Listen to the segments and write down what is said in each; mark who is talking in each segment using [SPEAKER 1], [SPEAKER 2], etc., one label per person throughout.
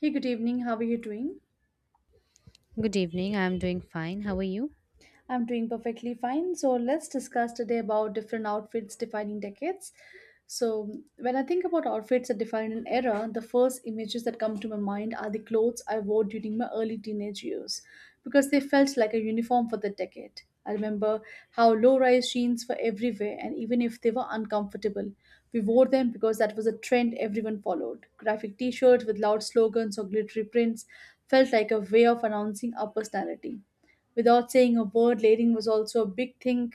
[SPEAKER 1] Hey, good evening. How are you doing?
[SPEAKER 2] Good evening. I'm doing fine. How are you?
[SPEAKER 1] I'm doing perfectly fine. So let's discuss today about different outfits defining decades. So when I think about outfits that define an era, the first images that come to my mind are the clothes I wore during my early teenage years because they felt like a uniform for the decade. I remember how low-rise jeans were everywhere and even if they were uncomfortable, we wore them because that was a trend everyone followed. Graphic t-shirts with loud slogans or glittery prints felt like a way of announcing our personality. Without saying a word, layering was also a big thing,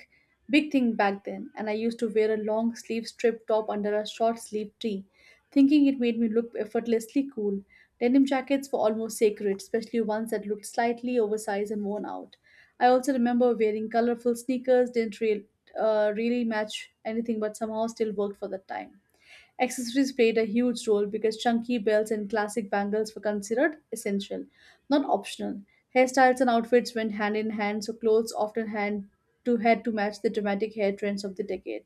[SPEAKER 1] big thing back then, and I used to wear a long sleeve strip top under a short sleeve tee, thinking it made me look effortlessly cool. Denim jackets were almost sacred, especially ones that looked slightly oversized and worn out. I also remember wearing colorful sneakers, didn't real, really match anything, but somehow still worked for the time. Accessories played a huge role because chunky belts and classic bangles were considered essential, not optional. Hairstyles and outfits went hand in hand, so clothes often hand to head to match the dramatic hair trends of the decade.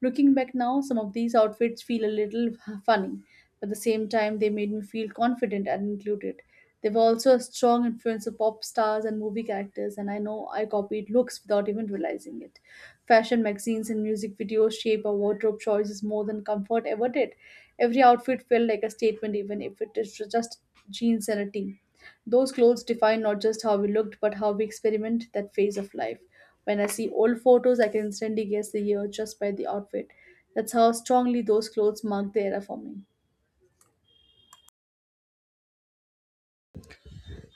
[SPEAKER 1] Looking back now, some of these outfits feel a little funny, but at the same time, they made me feel confident and included. They were also a strong influence of pop stars and movie characters, and I know I copied looks without even realizing it. Fashion magazines and music videos shape our wardrobe choices more than comfort ever did. Every outfit felt like a statement, even if it is just jeans and a tee. Those clothes define not just how we looked, but how we experiment that phase of life. When I see old photos, I can instantly guess the year just by the outfit. That's how strongly those clothes marked the era for me.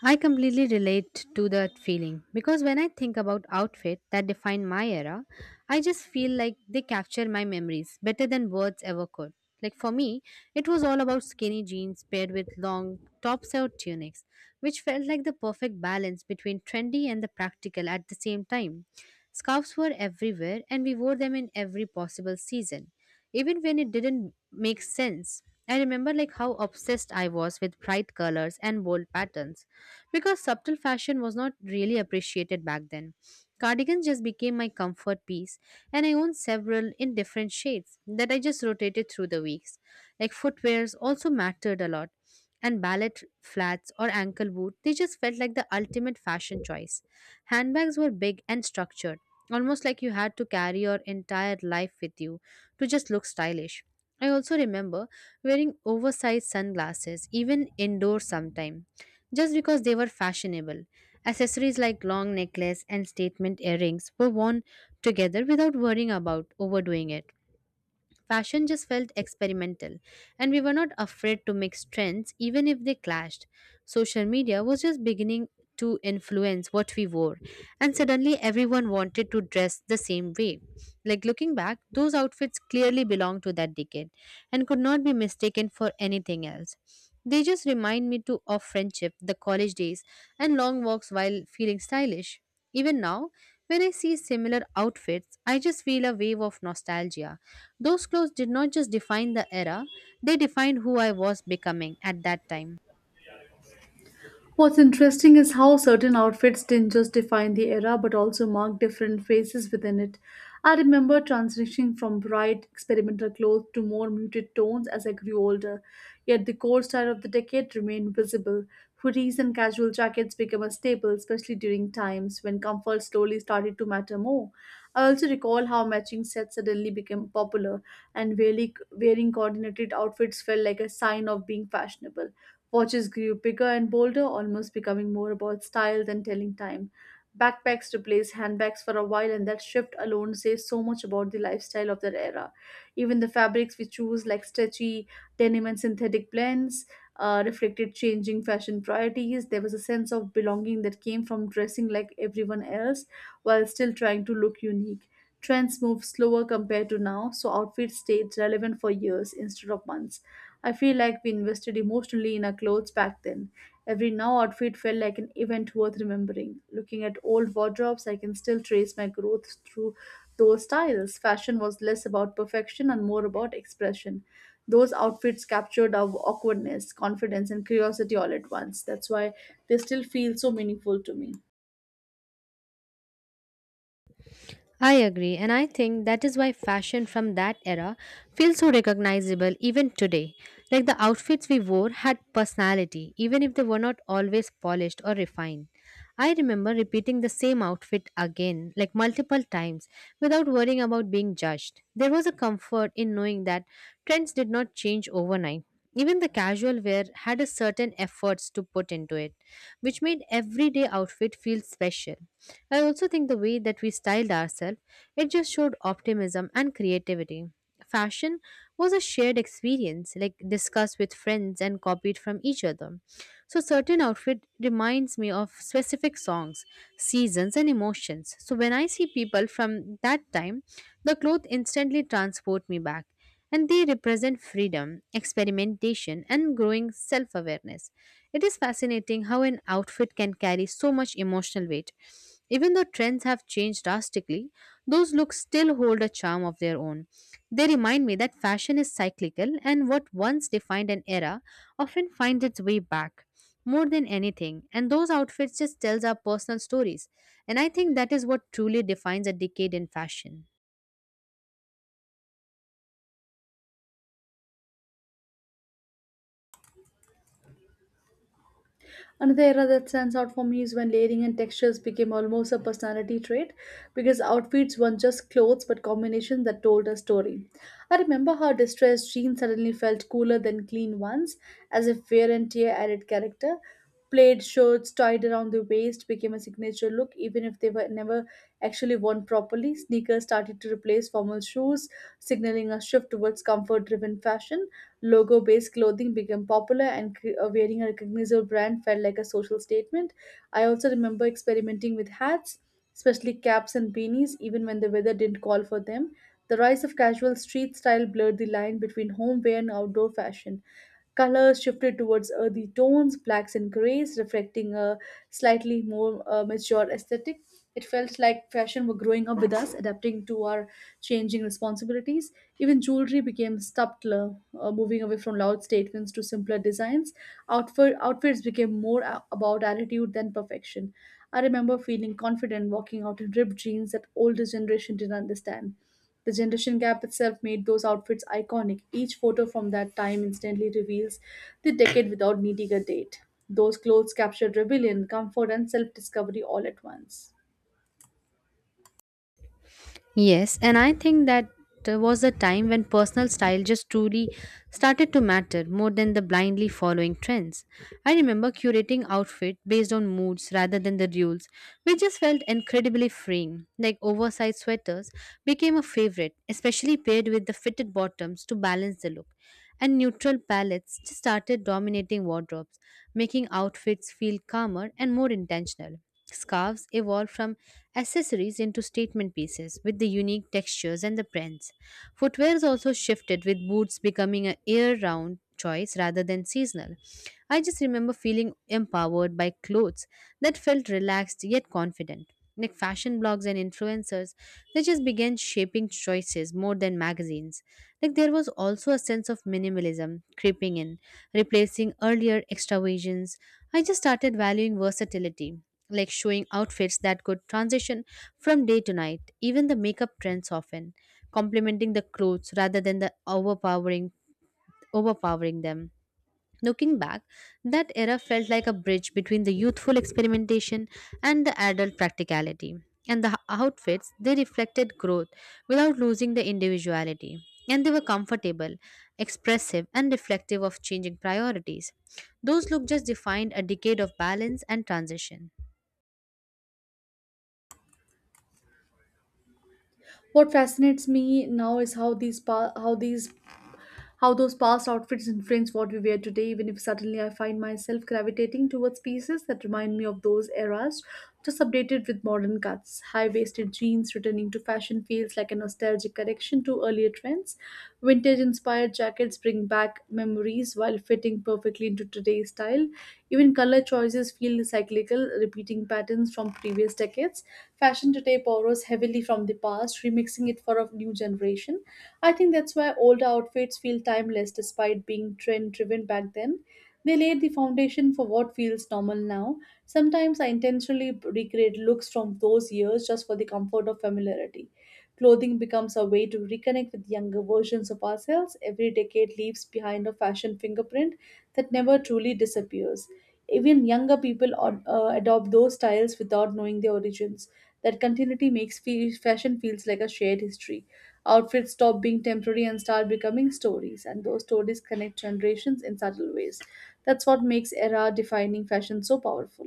[SPEAKER 2] I completely relate to that feeling because when I think about outfits that define my era, I just feel like they capture my memories better than words ever could. Like for me, it was all about skinny jeans paired with long tops or tunics, which felt like the perfect balance between trendy and the practical at the same time. Scarves were everywhere and we wore them in every possible season, even when it didn't make sense. I remember like how obsessed I was with bright colors and bold patterns because subtle fashion was not really appreciated back then. Cardigans just became my comfort piece, and I owned several in different shades that I just rotated through the weeks. Like footwears also mattered a lot, and ballet flats or ankle boot, they just felt like the ultimate fashion choice. Handbags were big and structured, almost like you had to carry your entire life with you to just look stylish. I also remember wearing oversized sunglasses, even indoors sometime just because they were fashionable. Accessories like long necklace and statement earrings were worn together without worrying about overdoing it. Fashion just felt experimental, and we were not afraid to mix trends even if they clashed. Social media was just beginning to influence what we wore, and suddenly everyone wanted to dress the same way. Like looking back, those outfits clearly belong to that decade and could not be mistaken for anything else. They just remind me to of friendship, the college days, and long walks while feeling stylish. Even now, when I see similar outfits, I just feel a wave of nostalgia. Those clothes did not just define the era, they defined who I was becoming at that time.
[SPEAKER 1] What's interesting is how certain outfits didn't just define the era but also mark different phases within it. I remember transitioning from bright experimental clothes to more muted tones as I grew older, yet the core style of the decade remained visible. Hoodies and casual jackets became a staple, especially during times when comfort slowly started to matter more. I also recall how matching sets suddenly became popular, and wearing coordinated outfits felt like a sign of being fashionable. Watches grew bigger and bolder, almost becoming more about style than telling time. Backpacks replaced handbags for a while, and that shift alone says so much about the lifestyle of that era. Even the fabrics we choose, like stretchy denim and synthetic blends, reflected changing fashion priorities. There was a sense of belonging that came from dressing like everyone else while still trying to look unique. Trends moved slower compared to now, so outfits stayed relevant for years instead of months. I feel like we invested emotionally in our clothes back then. Every now outfit felt like an event worth remembering. Looking at old wardrobes, I can still trace my growth through those styles. Fashion was less about perfection and more about expression. Those outfits captured our awkwardness, confidence, and curiosity all at once. That's why they still feel so meaningful to me.
[SPEAKER 2] I agree, and I think that is why fashion from that era feels so recognizable even today. Like the outfits we wore had personality, even if they were not always polished or refined. I remember repeating the same outfit again, like multiple times, without worrying about being judged. There was a comfort in knowing that trends did not change overnight. Even the casual wear had a certain efforts to put into it, which made everyday outfit feel special. I also think the way that we styled ourselves, it just showed optimism and creativity. Fashion was a shared experience, like discussed with friends and copied from each other. So certain outfit reminds me of specific songs, seasons and emotions. So when I see people from that time, the clothes instantly transport me back and they represent freedom, experimentation and growing self-awareness. It is fascinating how an outfit can carry so much emotional weight. Even though trends have changed drastically, those looks still hold a charm of their own. They remind me that fashion is cyclical and what once defined an era often finds its way back more than anything, and those outfits just tells our personal stories, and I think that is what truly defines a decade in fashion.
[SPEAKER 1] Another era that stands out for me is when layering and textures became almost a personality trait because outfits weren't just clothes but combinations that told a story. I remember how distressed jeans suddenly felt cooler than clean ones, as if wear and tear added character. Plaid shirts tied around the waist became a signature look, even if they were never actually worn properly. Sneakers started to replace formal shoes, signaling a shift towards comfort driven fashion logo based clothing became popular, and wearing a recognizable brand felt like a social statement. I also remember experimenting with hats, especially caps and beanies, even when the weather didn't call for them. The rise of casual street style blurred the line between home wear and outdoor fashion. Colors shifted towards earthy tones, blacks and grays, reflecting a slightly more mature aesthetic. It felt like fashion were growing up with us, adapting to our changing responsibilities. Even jewelry became subtler, moving away from loud statements to simpler designs. Outfits became more about attitude than perfection. I remember feeling confident walking out in ripped jeans that older generation didn't understand. The generation gap itself made those outfits iconic. Each photo from that time instantly reveals the decade without needing a date. Those clothes captured rebellion, comfort, and self discovery all at once.
[SPEAKER 2] Yes, and I think that there was a time when personal style just truly started to matter more than the blindly following trends. I remember curating outfit based on moods rather than the rules, which just felt incredibly freeing. Like oversized sweaters became a favorite, especially paired with the fitted bottoms to balance the look. And neutral palettes just started dominating wardrobes, making outfits feel calmer and more intentional. Scarves evolved from accessories into statement pieces with the unique textures and the prints. Footwear also shifted with boots becoming a year round choice rather than seasonal. I just remember feeling empowered by clothes that felt relaxed yet confident. Like fashion blogs and influencers, they just began shaping choices more than magazines. Like there was also a sense of minimalism creeping in, replacing earlier extravagance. I just started valuing versatility like showing outfits that could transition from day to night, even the makeup trends often, complementing the clothes rather than the overpowering overpowering them. Looking back, that era felt like a bridge between the youthful experimentation and the adult practicality. And the outfits, they reflected growth without losing the individuality. And they were comfortable, expressive, and reflective of changing priorities. Those looks just defined a decade of balance and transition.
[SPEAKER 1] What fascinates me now is how these pa- how these how those past outfits influence what we wear today, even if suddenly I find myself gravitating towards pieces that remind me of those eras, just updated with modern cuts. High waisted jeans returning to fashion feels like a nostalgic correction to earlier trends. Vintage inspired jackets bring back memories while fitting perfectly into today's style. Even color choices feel cyclical, repeating patterns from previous decades. Fashion today borrows heavily from the past, remixing it for a new generation. I think that's why old outfits feel timeless despite being trend driven back then. They laid the foundation for what feels normal now. Sometimes I intentionally recreate looks from those years just for the comfort of familiarity. Clothing becomes a way to reconnect with younger versions of ourselves. Every decade leaves behind a fashion fingerprint that never truly disappears. Even younger people adopt those styles without knowing their origins. That continuity makes fashion feels like a shared history. Outfits stop being temporary and start becoming stories, and those stories connect generations in subtle ways. That's what makes era defining fashion so powerful.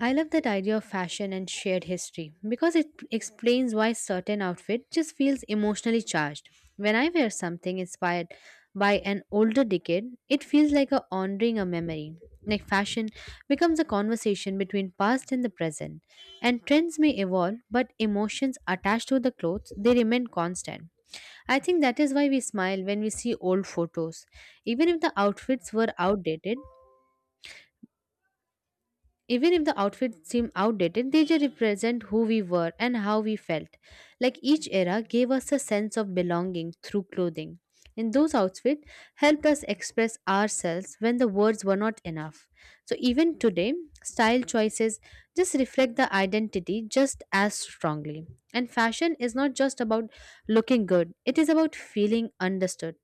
[SPEAKER 2] I love that idea of fashion and shared history because it explains why certain outfit just feels emotionally charged. When I wear something inspired by an older decade, it feels like a honoring a memory. Like fashion becomes a conversation between past and the present. And trends may evolve, but emotions attached to the clothes they remain constant. I think that is why we smile when we see old photos. Even if the outfits were outdated, even if the outfits seem outdated, they just represent who we were and how we felt. Like each era gave us a sense of belonging through clothing. And those outfits helped us express ourselves when the words were not enough. So even today, style choices just reflect the identity just as strongly. And fashion is not just about looking good, it is about feeling understood,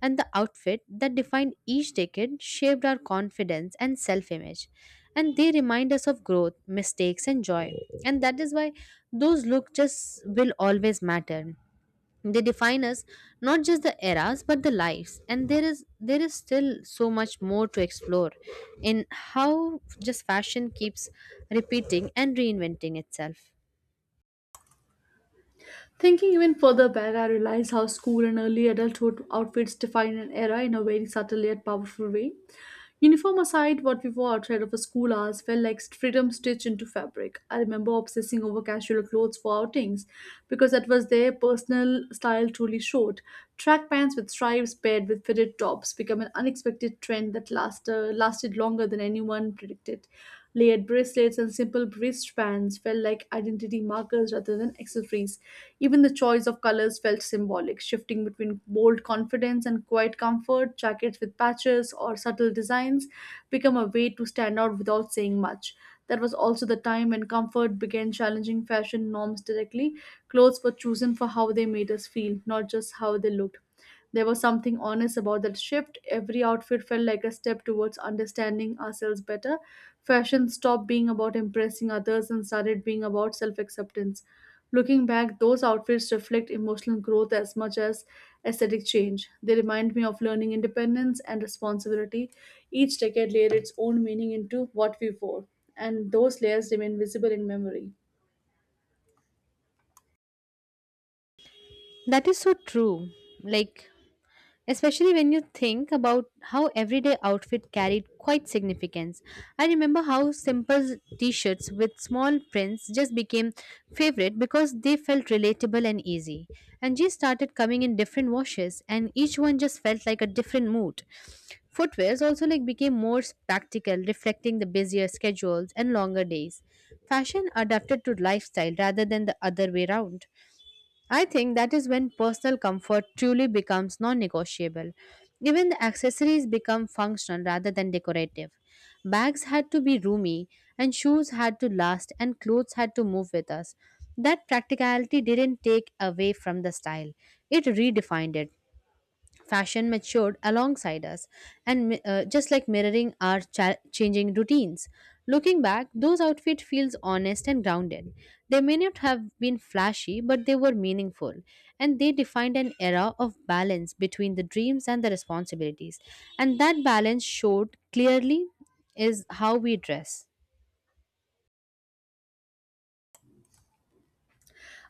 [SPEAKER 2] and the outfit that defined each decade shaped our confidence and self image. And they remind us of growth, mistakes, and joy. And that is why those looks just will always matter. They define us not just the eras but the lives. And there is still so much more to explore in how just fashion keeps repeating and reinventing itself.
[SPEAKER 1] Thinking even further back, I realize how school and early adulthood outfits define an era in a very subtle yet powerful way. Uniform aside, what we wore outside of a school hours felt like freedom stitched into fabric. I remember obsessing over casual clothes for outings because that was their personal style truly showed. Track pants with stripes paired with fitted tops became an unexpected trend that lasted longer than anyone predicted. Layered bracelets and simple wristbands felt like identity markers rather than accessories. Even the choice of colors felt symbolic, shifting between bold confidence and quiet comfort. Jackets with patches or subtle designs become a way to stand out without saying much. That was also the time when comfort began challenging fashion norms directly. Clothes were chosen for how they made us feel, not just how they looked. There was something honest about that shift. Every outfit felt like a step towards understanding ourselves better. Fashion stopped being about impressing others and started being about self acceptance. Looking back, those outfits reflect emotional growth as much as aesthetic change. They remind me of learning independence and responsibility. Each decade layered its own meaning into what we wore, and those layers remain visible in memory.
[SPEAKER 2] That is so true. Like especially when you think about how everyday outfit carried quite significance. I remember how simple t-shirts with small prints just became favorite because they felt relatable and easy. And jeans started coming in different washes and each one just felt like a different mood. Footwears also like became more practical, reflecting the busier schedules and longer days. Fashion adapted to lifestyle rather than the other way round. I think that is when personal comfort truly becomes non negotiable. Even the accessories become functional rather than decorative. Bags had to be roomy, and shoes had to last, and clothes had to move with us. That practicality didn't take away from the style, it redefined it. Fashion matured alongside us, and just like mirroring our changing routines, looking back those outfits feels honest and grounded. They may not have been flashy but they were meaningful, and they defined an era of balance between the dreams and the responsibilities, and that balance showed clearly is how we dress.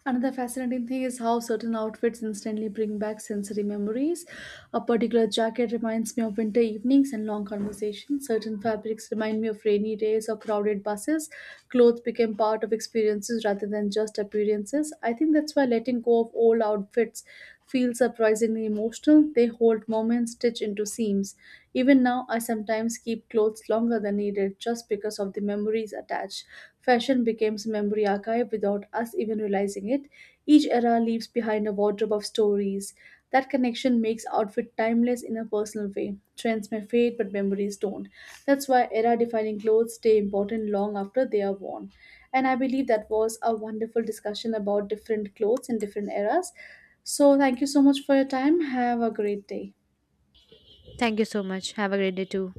[SPEAKER 1] Another fascinating thing is how certain outfits instantly bring back sensory memories. A particular jacket reminds me of winter evenings and long conversations. Certain fabrics remind me of rainy days or crowded buses. Clothes became part of experiences rather than just appearances. I think that's why letting go of old outfits feel surprisingly emotional. They hold moments stitched into seams. Even now, I sometimes keep clothes longer than needed just because of the memories attached. Fashion becomes a memory archive without us even realizing it. Each era leaves behind a wardrobe of stories. That connection makes outfit timeless in a personal way. Trends may fade, but memories don't. That's why era defining clothes stay important long after they are worn. And I believe that was a wonderful discussion about different clothes in different eras. So, thank you so much for your time. Have a great day.
[SPEAKER 2] Thank you so much, have a great day too.